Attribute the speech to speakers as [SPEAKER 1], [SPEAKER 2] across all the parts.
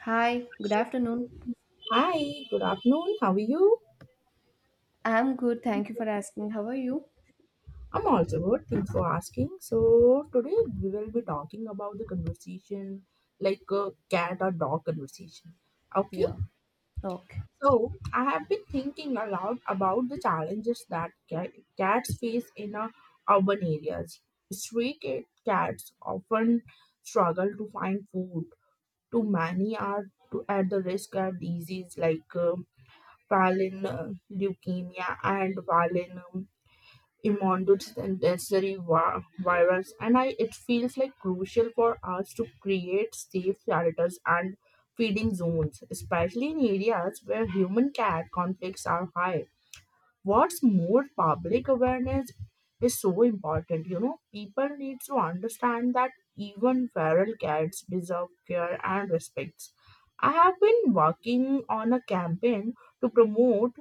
[SPEAKER 1] Hi, good afternoon.
[SPEAKER 2] Hi, good afternoon. How are you?
[SPEAKER 1] I'm good. Thank you for asking. How are you?
[SPEAKER 2] I'm also good. Thanks for asking. So, today we will be talking about the conversation like a cat or dog conversation. Okay,
[SPEAKER 1] Yeah. Okay.
[SPEAKER 2] so I have been thinking a lot about the challenges that cats face in urban areas. Stray cats often struggle to find food, too many are to, at the risk of disease like violin leukemia and violin Immunity and necessary virus, and I it feels like crucial for us to create safe shelters and feeding zones, especially in areas where human cat conflicts are high. What's more, public awareness is so important. People need to understand that even feral cats deserve care and respect. I have been working on a campaign to promote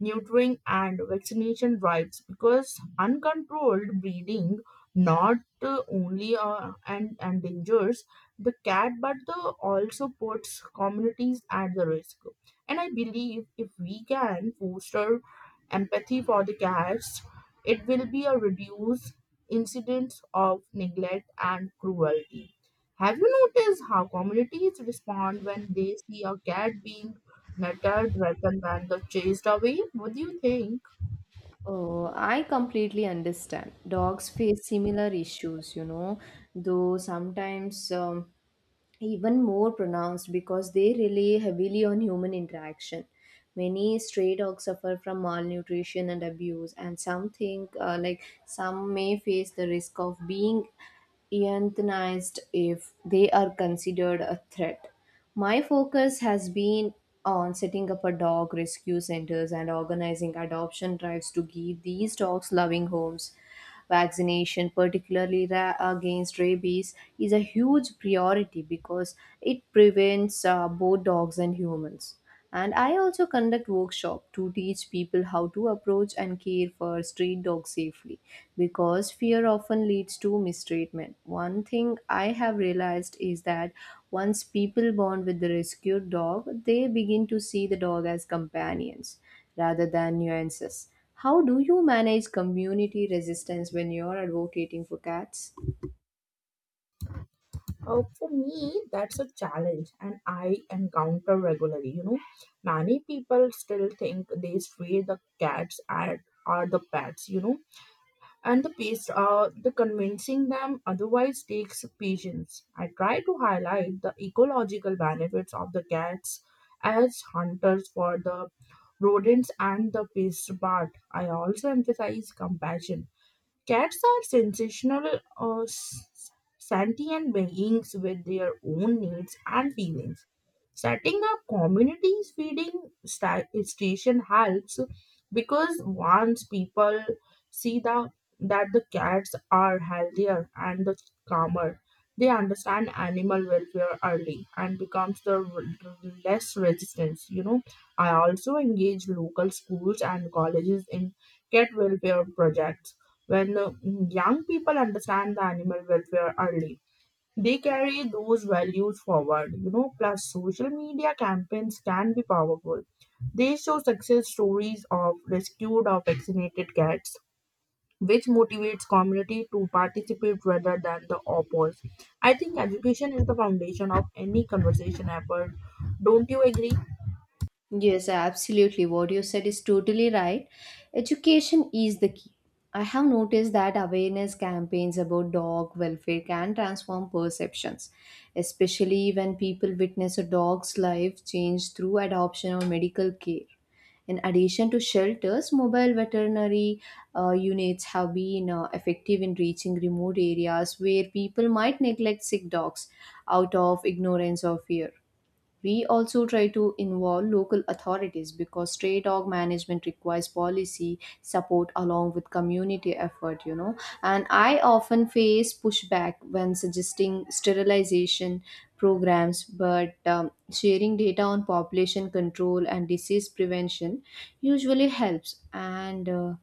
[SPEAKER 2] neutering, and vaccination drives because uncontrolled breeding not only and endangers the cat but the also puts communities at the risk, and I believe if we can foster empathy for the cats, it will be a reduced incidence of neglect and cruelty. Have you noticed how communities respond when they see a cat being metal dragon when they chased away? What do you think?
[SPEAKER 1] Oh, I completely understand. Dogs face similar issues, you know, though sometimes even more pronounced because they rely heavily on human interaction. Many stray dogs suffer from malnutrition and abuse, and some think like some may face the risk of being euthanized if they are considered a threat. My focus has been on setting up a dog rescue centers and organizing adoption drives to give these dogs loving homes. Vaccination, particularly against rabies, is a huge priority because it prevents both dogs and humans. And I also conduct workshop to teach people how to approach and care for street dogs safely because fear often leads to mistreatment. One thing I have realized is that once people bond with the rescued dog, they begin to see the dog as companions rather than nuances. How do you manage community resistance when you're advocating for cats?
[SPEAKER 2] For me, that's a challenge, and I encounter regularly. Many people still think they stray the cats and are the pets. And the pace, the convincing them otherwise takes patience. I try to highlight the ecological benefits of the cats as hunters for the rodents and the pest. But I also emphasize compassion. Cats are sensational or sentient beings with their own needs and feelings. Setting up communities feeding station helps because once people see the, that the cats are healthier and the calmer, they understand animal welfare early and becomes the less resistance. I also engage local schools and colleges in cat welfare projects. When young people understand the animal welfare early, they carry those values forward. Plus, social media campaigns can be powerful. They show success stories of rescued or vaccinated cats, which motivates community to participate rather than the oppose. I think education is the foundation of any conversation effort. Don't you agree?
[SPEAKER 1] Yes, absolutely. What you said is totally right. Education is the key. I have noticed that awareness campaigns about dog welfare can transform perceptions, especially when people witness a dog's life change through adoption or medical care. In addition to shelters, mobile veterinary units have been effective in reaching remote areas where people might neglect sick dogs out of ignorance or fear. We also try to involve local authorities because stray dog management requires policy support along with community effort, you know. And I often face pushback when suggesting sterilization programs, but sharing data on population control and disease prevention usually helps. And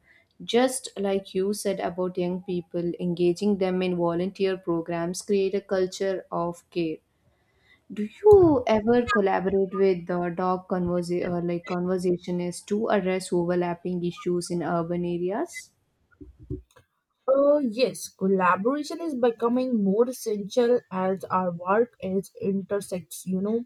[SPEAKER 1] just like you said about young people, engaging them in volunteer programs create a culture of care. Do you ever collaborate with the like conversationists to address overlapping issues in urban areas?
[SPEAKER 2] Yes, collaboration is becoming more essential as our work is intersects,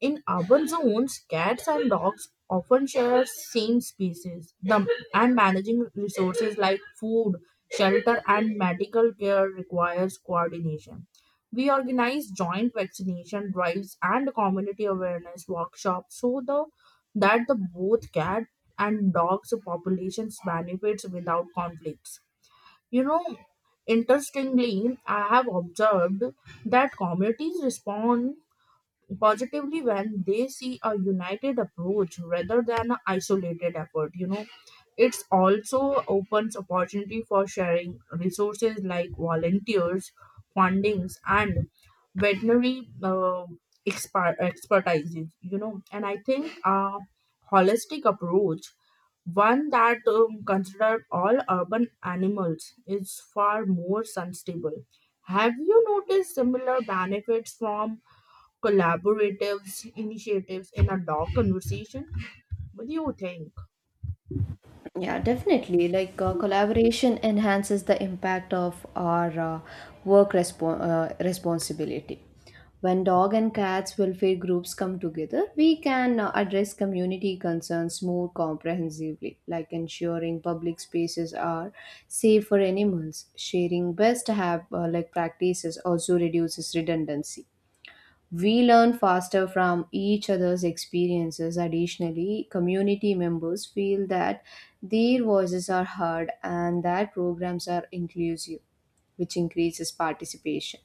[SPEAKER 2] in urban zones. Cats and dogs often share same species, the, and managing resources like food, shelter, and medical care requires coordination. We organize joint vaccination drives and community awareness workshops so the, that the both cat and dogs populations benefits without conflicts. You know, Interestingly, I have observed that communities respond positively when they see a united approach rather than an isolated effort. It's also opens opportunity for sharing resources like volunteers, fundings, and veterinary expertise. And I think a holistic approach, one that considered all urban animals, is far more sustainable. Have you noticed similar benefits from collaboratives initiatives and adult conversation? What do you think?
[SPEAKER 1] Yeah, definitely. Collaboration enhances the impact of our work respo- responsibility. When dog and cats welfare groups come together, we can address community concerns more comprehensively, like ensuring public spaces are safe for animals. Sharing best have like practices also reduces redundancy. We learn faster from each other's experiences. Additionally, community members feel that their voices are heard and that programs are inclusive, which increases participation.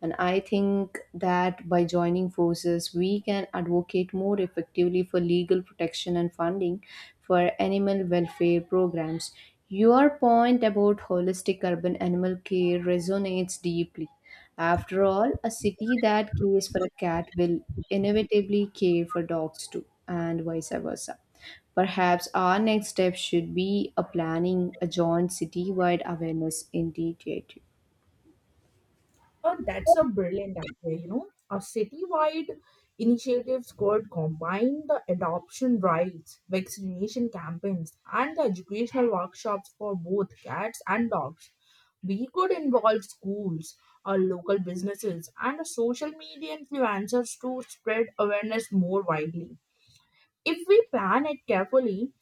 [SPEAKER 1] And I think that by joining forces, we can advocate more effectively for legal protection and funding for animal welfare programs. Your point about holistic urban animal care resonates deeply. After all, a city that cares for a cat will inevitably care for dogs too, and vice versa. Perhaps our next step should be a planning a joint citywide awareness initiative.
[SPEAKER 2] Oh, that's a brilliant idea. A citywide initiatives could combine the adoption drives, vaccination campaigns, and the educational workshops for both cats and dogs. We could involve schools or local businesses and social media influencers to spread awareness more widely. If we plan it carefully,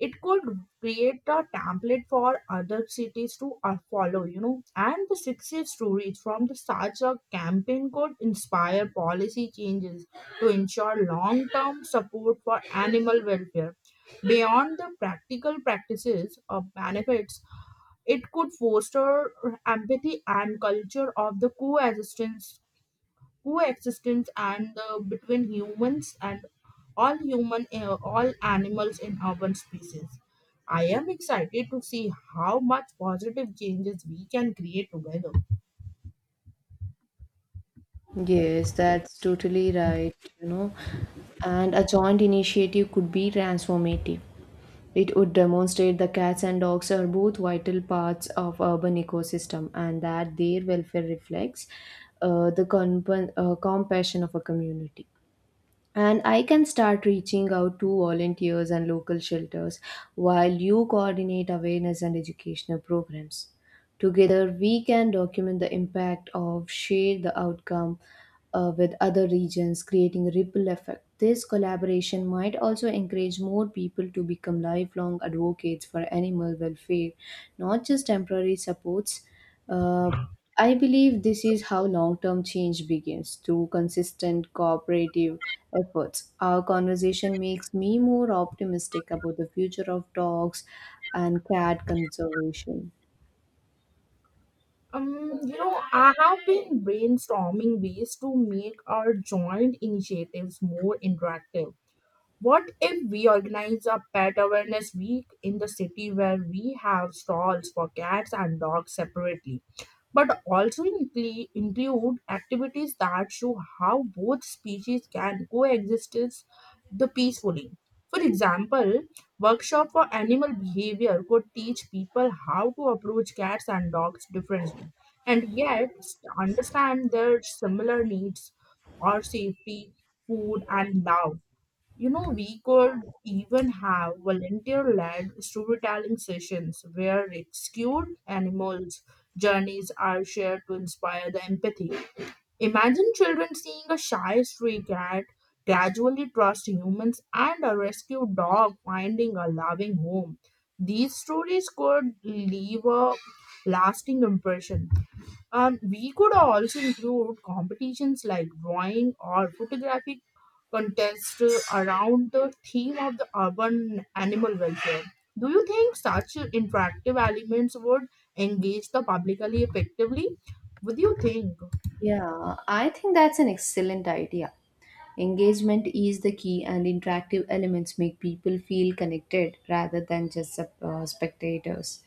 [SPEAKER 2] it could create a template for other cities to follow, and the success stories from the such a campaign could inspire policy changes to ensure long-term support for animal welfare. Beyond the practical practices of benefits, it could foster empathy and culture of the coexistence coexistence and the between humans and all human all animals in urban spaces. I am excited to see how much positive changes we can create together.
[SPEAKER 1] Yes, that's totally right, you know. And a joint initiative could be transformative. It would demonstrate the cats and dogs are both vital parts of urban ecosystem and that their welfare reflects the compassion of a community. And I can start reaching out to volunteers and local shelters while you coordinate awareness and educational programs. Together, we can document the impact of share the outcome with other regions, creating a ripple effect. This collaboration might also encourage more people to become lifelong advocates for animal welfare, not just temporary supports. Uh, I believe this is how long term change begins through consistent cooperative efforts. Our conversation makes me more optimistic about the future of dogs and cat conservation.
[SPEAKER 2] um you know I have been brainstorming ways to make our joint initiatives more interactive. What if we organize a pet awareness week in the city where we have stalls for cats and dogs separately, but also include activities that show how both species can coexist the peacefully. For example, workshop for animal behavior could teach people how to approach cats and dogs differently and yet understand their similar needs or safety, food, and love. We could even have volunteer led storytelling sessions where rescued animals' journeys are shared to inspire the empathy. Imagine children seeing a shy stray cat gradually trust humans and a rescued dog finding a loving home. These stories could leave a lasting impression. We could also include competitions like drawing or photographic contests around the theme of the urban animal welfare. Do you think such interactive elements would engage the publicly effectively? What do you think?
[SPEAKER 1] Yeah, I think that's an excellent idea. Engagement is the key, and interactive elements make people feel connected rather than just spectators.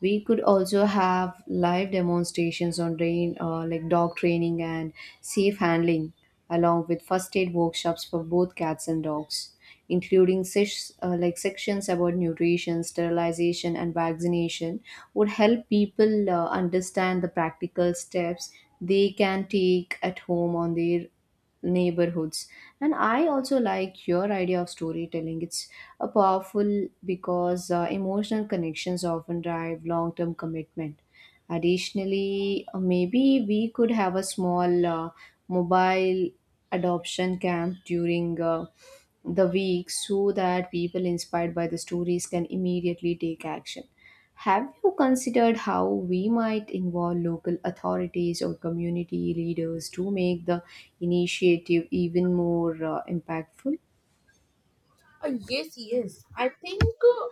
[SPEAKER 1] We could also have live demonstrations on rain like dog training and safe handling along with first aid workshops for both cats and dogs, including sections about nutrition sterilization and vaccination would help people understand the practical steps they can take at home on their neighborhoods. And I also like your idea of storytelling. It's a powerful because emotional connections often drive long term commitment. Additionally, maybe we could have a small mobile adoption camp during the week so that people inspired by the stories can immediately take action. Have you considered how we might involve local authorities or community leaders to make the initiative even more impactful?
[SPEAKER 2] Yes.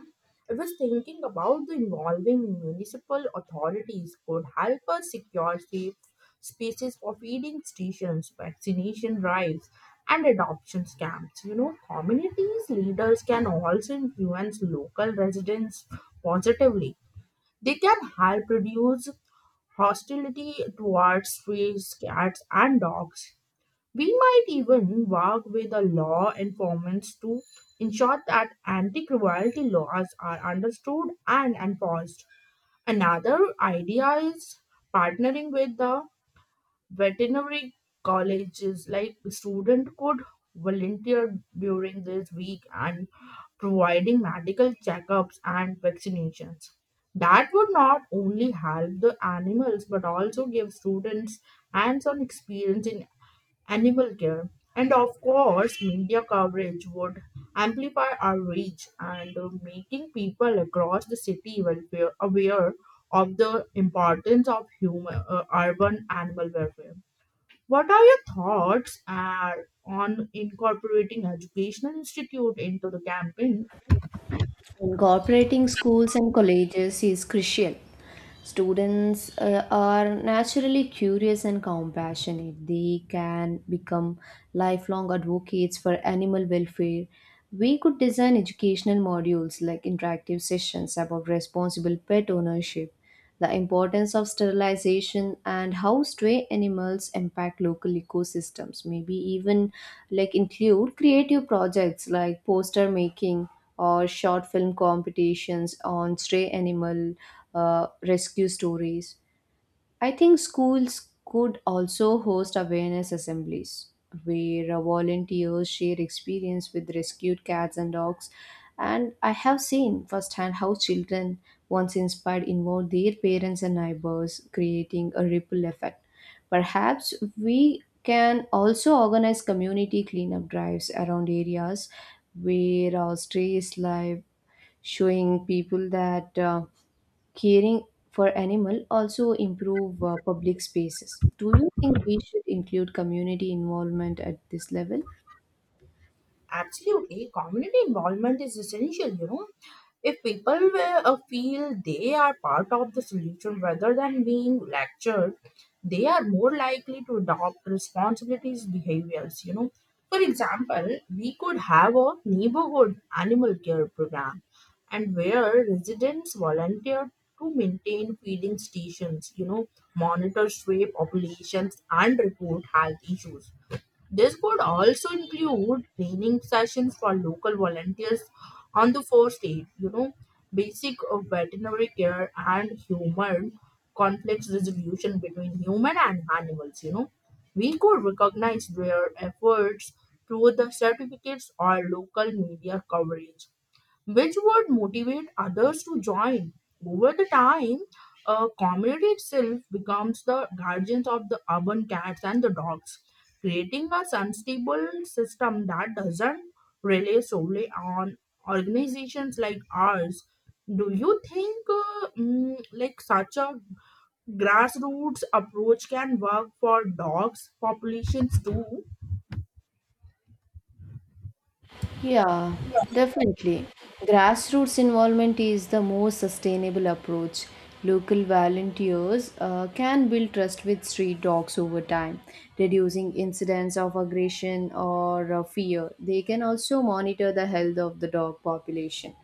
[SPEAKER 2] I was thinking about the involving municipal authorities could help us secure safe spaces for feeding stations, vaccination drives, and adoption camps. Communities leaders can also influence local residents positively. They can help reduce hostility towards strays, cats, and dogs. We might even work with the law enforcement to ensure that anti cruelty laws are understood and enforced. Another idea is partnering with the veterinary colleges, like student could volunteer during this week and providing medical checkups and vaccinations. That would not only help the animals but also give students hands on experience in animal care. And of course, media coverage would amplify our reach and making people across the city well aware of the importance of human, urban animal welfare. What are your thoughts on incorporating educational institute into the campaign?
[SPEAKER 1] Incorporating schools and colleges is crucial. Students are naturally curious and compassionate. They can become lifelong advocates for animal welfare. We could design educational modules like interactive sessions about responsible pet ownership, the importance of sterilization, and how stray animals impact local ecosystems. Maybe even like include creative projects like poster making or short film competitions on stray animal rescue stories. I think schools could also host awareness assemblies where volunteers share experience with rescued cats and dogs. And I have seen firsthand how children, once inspired, involve their parents and neighbors, creating a ripple effect. Perhaps we can also organize community cleanup drives around areas where our strays live, showing people that. Caring for animal also improve public spaces. Do you think we should include community involvement at this level?
[SPEAKER 2] Absolutely, community involvement is essential, If people will, feel they are part of the solution rather than being lectured, they are more likely to adopt responsibilities behaviors. For example, we could have a neighborhood animal care program, and where residents volunteer to maintain feeding stations. Monitor stray populations and report health issues. This could also include training sessions for local volunteers on the first aid, basic of veterinary care and human conflict resolution between human and animals, We could recognize their efforts through the certificates or local media coverage, which would motivate others to join. Over the time, a community itself becomes the guardians of the urban cats and the dogs, creating a sustainable system that doesn't rely solely on organizations like ours. Do you think like such a grassroots approach can work for dogs populations too?
[SPEAKER 1] Yeah, definitely. Grassroots involvement is the most sustainable approach. Local volunteers can build trust with street dogs over time, reducing incidents of aggression or fear. They can also monitor the health of the dog population,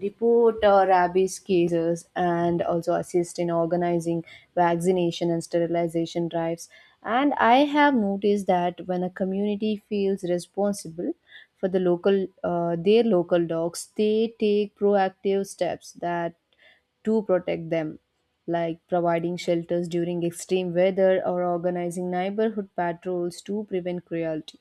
[SPEAKER 1] report rabies cases and also assist in organizing vaccination and sterilization drives. And I have noticed that when a community feels responsible for the local their local dogs, they take proactive steps that to protect them, like providing shelters during extreme weather or organizing neighborhood patrols to prevent cruelty.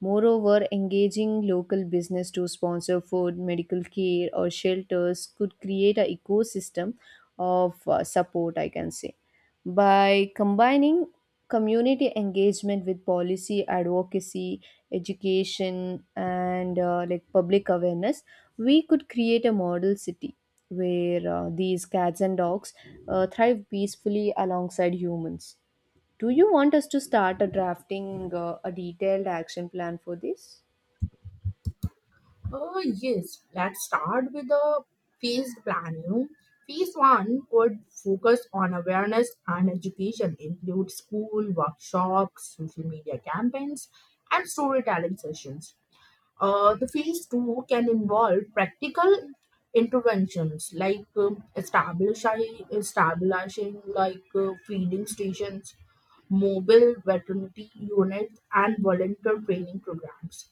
[SPEAKER 1] Moreover, engaging local business to sponsor food, medical care, or shelters could create an ecosystem of support, I can say. By combining community engagement with policy advocacy, education, and public awareness, we could create a model city where these cats and dogs thrive peacefully alongside humans. Do you want us to start a drafting a detailed action plan for this?
[SPEAKER 2] Oh, yes. Let's start with the phase plan. Phase one would focus on awareness and education, include school workshops, social media campaigns, and storytelling sessions. The phase two can involve practical interventions like establishing like feeding stations, mobile veterinary units, and volunteer training programs.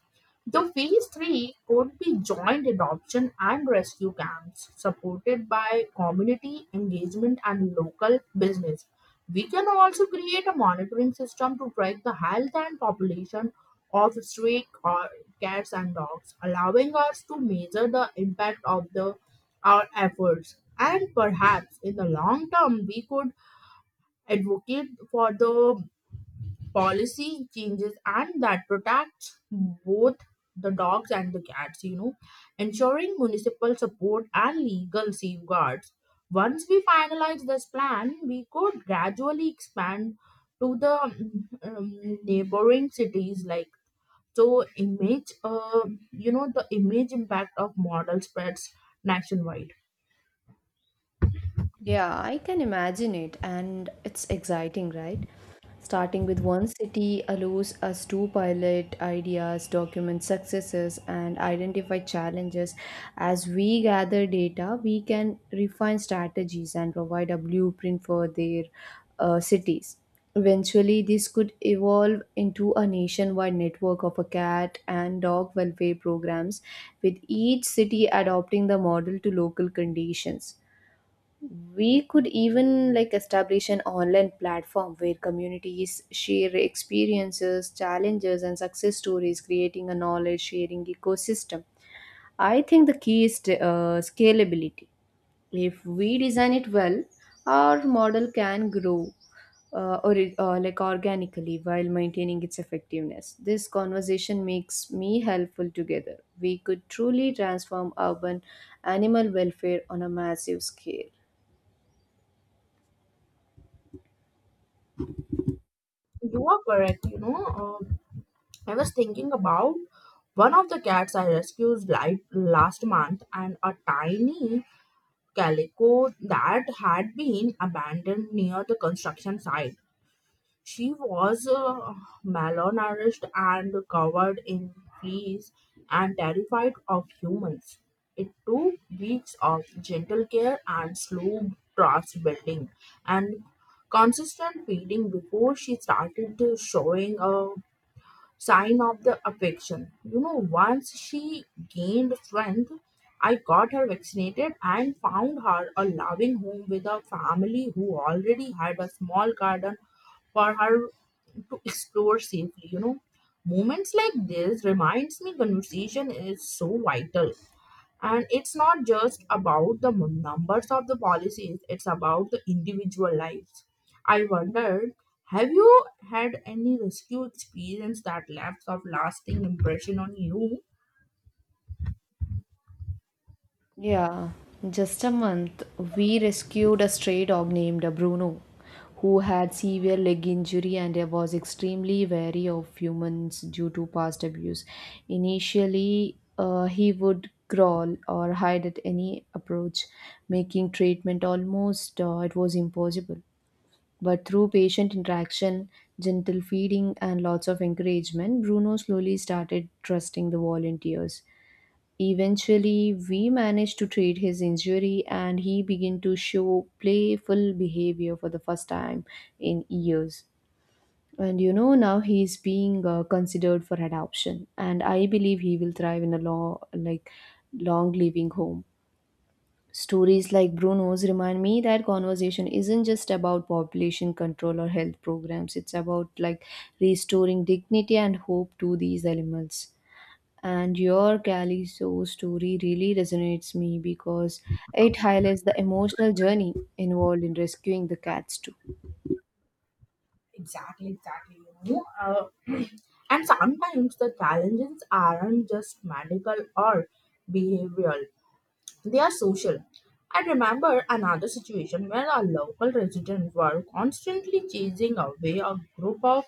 [SPEAKER 2] The phase three could be joint adoption and rescue camps supported by community engagement and local business. We can also create a monitoring system to track the health and population of stray cats and dogs, allowing us to measure the impact of the our efforts. And perhaps in the long term, we could advocate for the policy changes and that protects both the dogs and the cats, ensuring municipal support and legal safeguards. Once we finalize this plan, we could gradually expand to the neighboring cities like so image the image impact of model spreads nationwide.
[SPEAKER 1] Yeah, I can imagine it, and it's exciting, right? Starting with one city allows us to pilot ideas, document successes, and identify challenges. As we gather data, we can refine strategies and provide a blueprint for their cities. Eventually, this could evolve into a nationwide network of a cat and dog welfare programs, with each city adopting the model to local conditions. We could even like establish an online platform where communities share experiences, challenges, and success stories, creating a knowledge sharing ecosystem. I think the key is scalability. If we design it well, our model can grow or like organically while maintaining its effectiveness. This conversation makes me helpful together. We could truly transform urban animal welfare on a massive scale.
[SPEAKER 2] You are correct. Uh, I was thinking about one of the cats I rescued last month, and a tiny calico that had been abandoned near the construction site. She was malnourished and covered in fleas and terrified of humans. It took weeks of gentle care and slow trust building and consistent feeding before she started showing a sign of the affection. Once she gained strength, I got her vaccinated and found her a loving home with a family who already had a small garden for her to explore safely. Moments like this reminds me conversation is so vital. And it's not just about the numbers of the policies, it's about the individual lives. I wondered, have you had any rescue experience that left of lasting impression on you?
[SPEAKER 1] Yeah, just a month, we rescued a stray dog named Bruno, who had severe leg injury and was extremely wary of humans due to past abuse. Initially, he would growl or hide at any approach, making treatment almost it was impossible. But through patient interaction, gentle feeding, and lots of encouragement, Bruno slowly started trusting the volunteers. Eventually, we managed to treat his injury and he began to show playful behavior for the first time in years. And you know, now he's being considered for adoption, and I believe he will thrive in a long living home. Stories like Bruno's remind me that conversation isn't just about population control or health programs. It's about like restoring dignity and hope to these animals. And your Callisto story really resonates me because it highlights the emotional journey involved in rescuing the cats too.
[SPEAKER 2] Exactly, exactly. You know, uh, and sometimes the challenges aren't just medical or behavioral. They are social. I remember another situation where a local resident were constantly chasing away a group of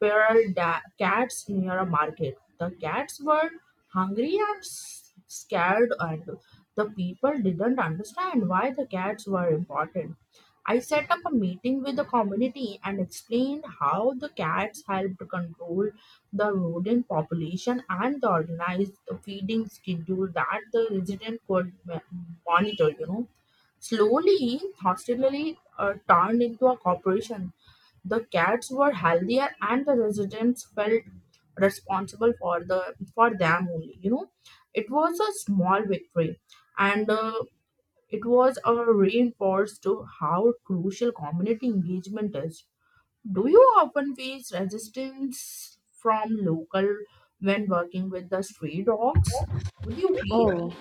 [SPEAKER 2] feral cats near a market. The cats were hungry and scared, and the people didn't understand why the cats were important. I set up a meeting with the community and explained how the cats helped control the rodent population and the organized the feeding schedule that the resident could monitor. Slowly, hostelry turned into a corporation. The cats were healthier, and the residents felt responsible for the for them only. It was a small victory, and. It was a reinforced to how crucial community engagement is. Do you often face resistance from local when working with the stray dogs? What do you feel?
[SPEAKER 1] Oh,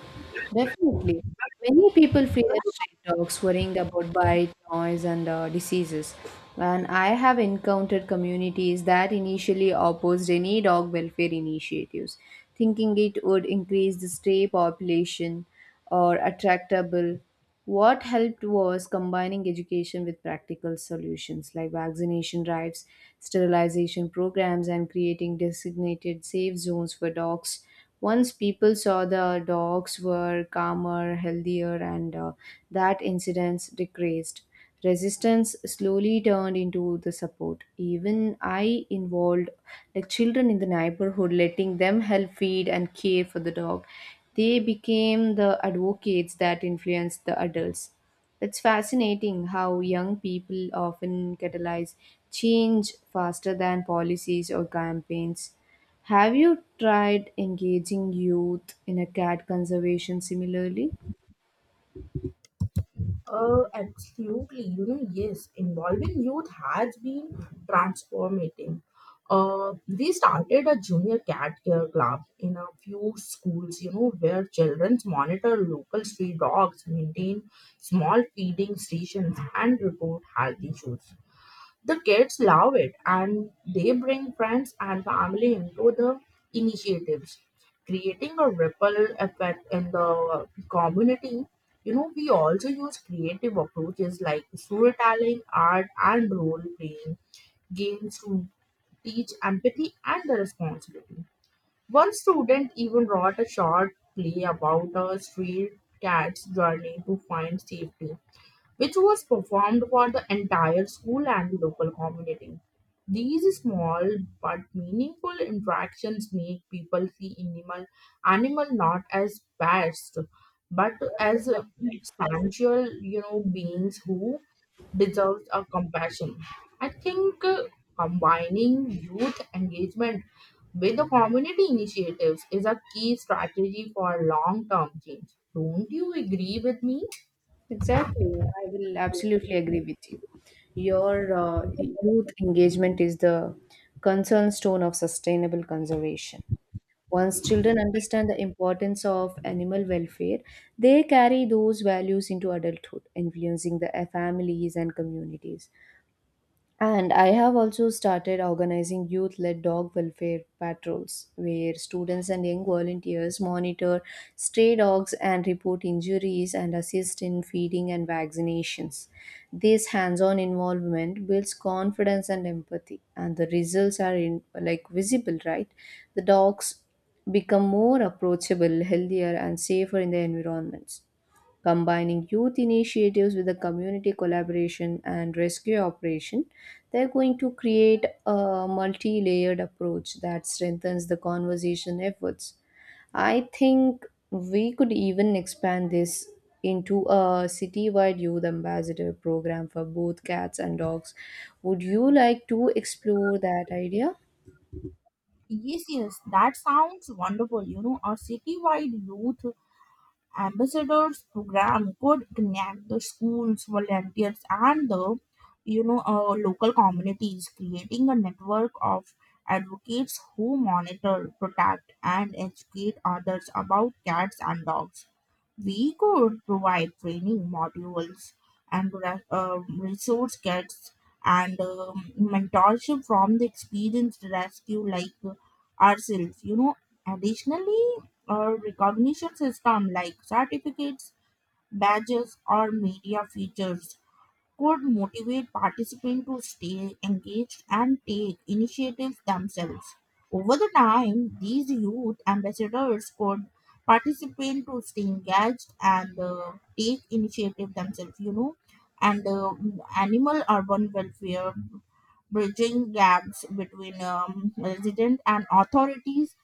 [SPEAKER 1] definitely. Many people fear stray dogs, worrying about bite, noise, and diseases. And I have encountered communities that initially opposed any dog welfare initiatives, thinking it would increase the stray population or attractable. What helped was combining education with practical solutions like vaccination drives, sterilization programs, and creating designated safe zones for dogs. Once people saw the dogs were calmer, healthier, and that incidence decreased. Resistance slowly turned into the support. Even I involved like children in the neighborhood, letting them help feed and care for the dog. They became the advocates that influenced the adults. It's fascinating how young people often catalyze change faster than policies or campaigns. Have you tried engaging youth in a cat conservation similarly?
[SPEAKER 2] Absolutely. Yes, involving youth has been transformating. We started a junior cat care club in a few schools, where children monitor local stray dogs, maintain small feeding stations, and report health issues. The kids love it and they bring friends and family into the initiatives, creating a ripple effect in the community. We also use creative approaches like storytelling, art, and role playing games to teach empathy and the responsibility. One student even wrote a short play about a stray cat's journey to find safety, which was performed for the entire school and the local community. These small but meaningful interactions make people see animal not as pests but as substantial, beings who deserve a compassion. I think Combining youth engagement with the community initiatives is a key strategy for long-term change. Don't you agree with me?
[SPEAKER 1] Exactly, I will absolutely agree with you. Your youth engagement is the concern stone of sustainable conservation. Once children understand the importance of animal welfare, they carry those values into adulthood, influencing the families and communities. And I have also started organizing youth led dog welfare patrols where students and young volunteers monitor stray dogs and report injuries and assist in feeding and vaccinations. This hands on involvement builds confidence and empathy, and the results are in, like visible, right? The dogs become more approachable, healthier, and safer in their environments. Combining youth initiatives with the community collaboration and rescue operation, they're going to create a multi layered approach that strengthens the conservation efforts. I think we could even expand this into a citywide youth ambassador program for both cats and dogs. Would you like to explore that idea?
[SPEAKER 2] Yes, yes, that sounds wonderful. A citywide youth ambassadors program could connect the schools, volunteers, and the local communities, creating a network of advocates who monitor, protect, and educate others about cats and dogs. We could provide training modules and resource kits and mentorship from the experienced rescue like ourselves. Additionally, a recognition system like certificates, badges, or media features could motivate participants to stay engaged and take initiatives themselves. Over the time, these youth ambassadors could participate to stay engaged and take initiative themselves, and animal urban welfare, bridging gaps between resident and authorities,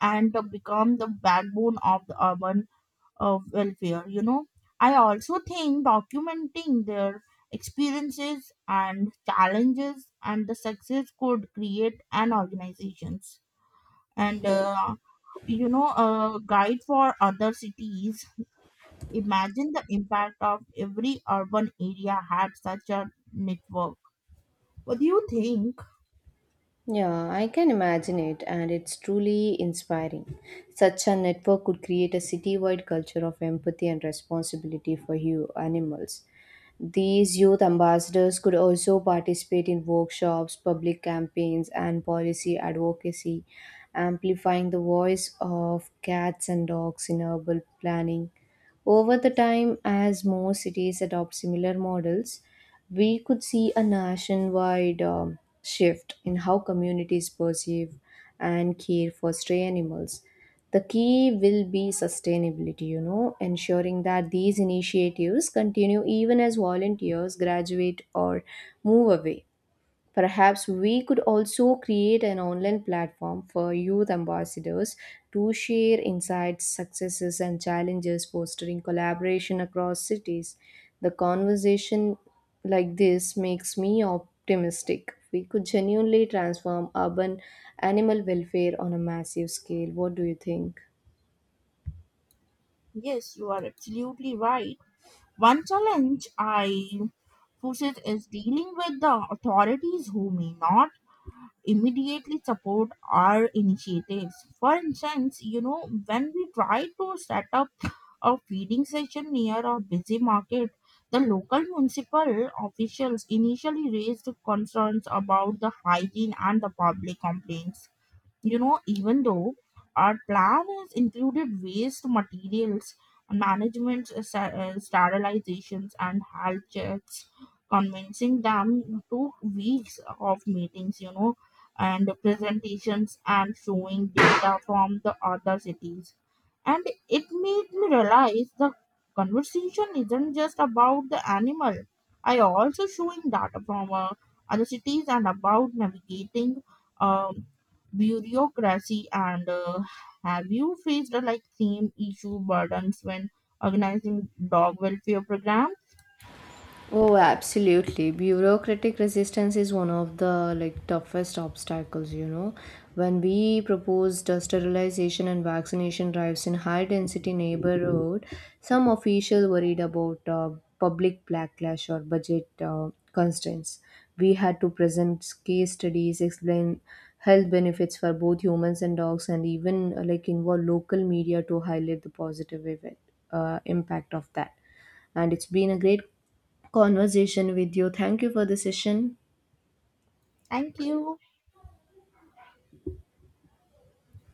[SPEAKER 2] and become the backbone of the urban of welfare. I also think documenting their experiences and challenges and the success could create an organizations and a guide for other cities. Imagine the impact of every urban area had such a network. What do you think?
[SPEAKER 1] Yeah, I can imagine it, and it's truly inspiring. Such a network could create a citywide culture of empathy and responsibility for you animals. These youth ambassadors could also participate in workshops, public campaigns, and policy advocacy, amplifying the voice of cats and dogs in urban planning. Over the time, as more cities adopt similar models, we could see a nationwide shift in how communities perceive and care for stray animals. The key will be sustainability, you know, ensuring that these initiatives continue even as volunteers graduate or move away. Perhaps we could also create an online platform for youth ambassadors to share insights, successes, and challenges, fostering collaboration across cities. The conversation like this makes me optimistic. We could genuinely transform urban animal welfare on a massive scale. What do you think?
[SPEAKER 2] Yes, you are absolutely right. One challenge I forces is dealing with the authorities who may not immediately support our initiatives. For instance, when we try to set up a feeding session near a busy market, the local municipal officials initially raised concerns about the hygiene and the public complaints. Even though our plan has included waste materials management, sterilizations, and health checks, convincing them took weeks of meetings, and presentations and showing data from the other cities. And it made me realize the conversation isn't just about the animal. I also showing data from other cities and about navigating um, bureaucracy and have you faced like same issue burdens when organizing dog welfare program?
[SPEAKER 1] Oh, absolutely. Bureaucratic resistance is one of the like toughest obstacles, you know. When we proposed sterilization and vaccination drives in high density neighborhood, some officials worried about public backlash or budget constraints. We had to present case studies, explain health benefits for both humans and dogs, and even involve local media to highlight the positive event, impact of that. And it's been a great conversation with you. Thank you for the session.
[SPEAKER 2] Thank you.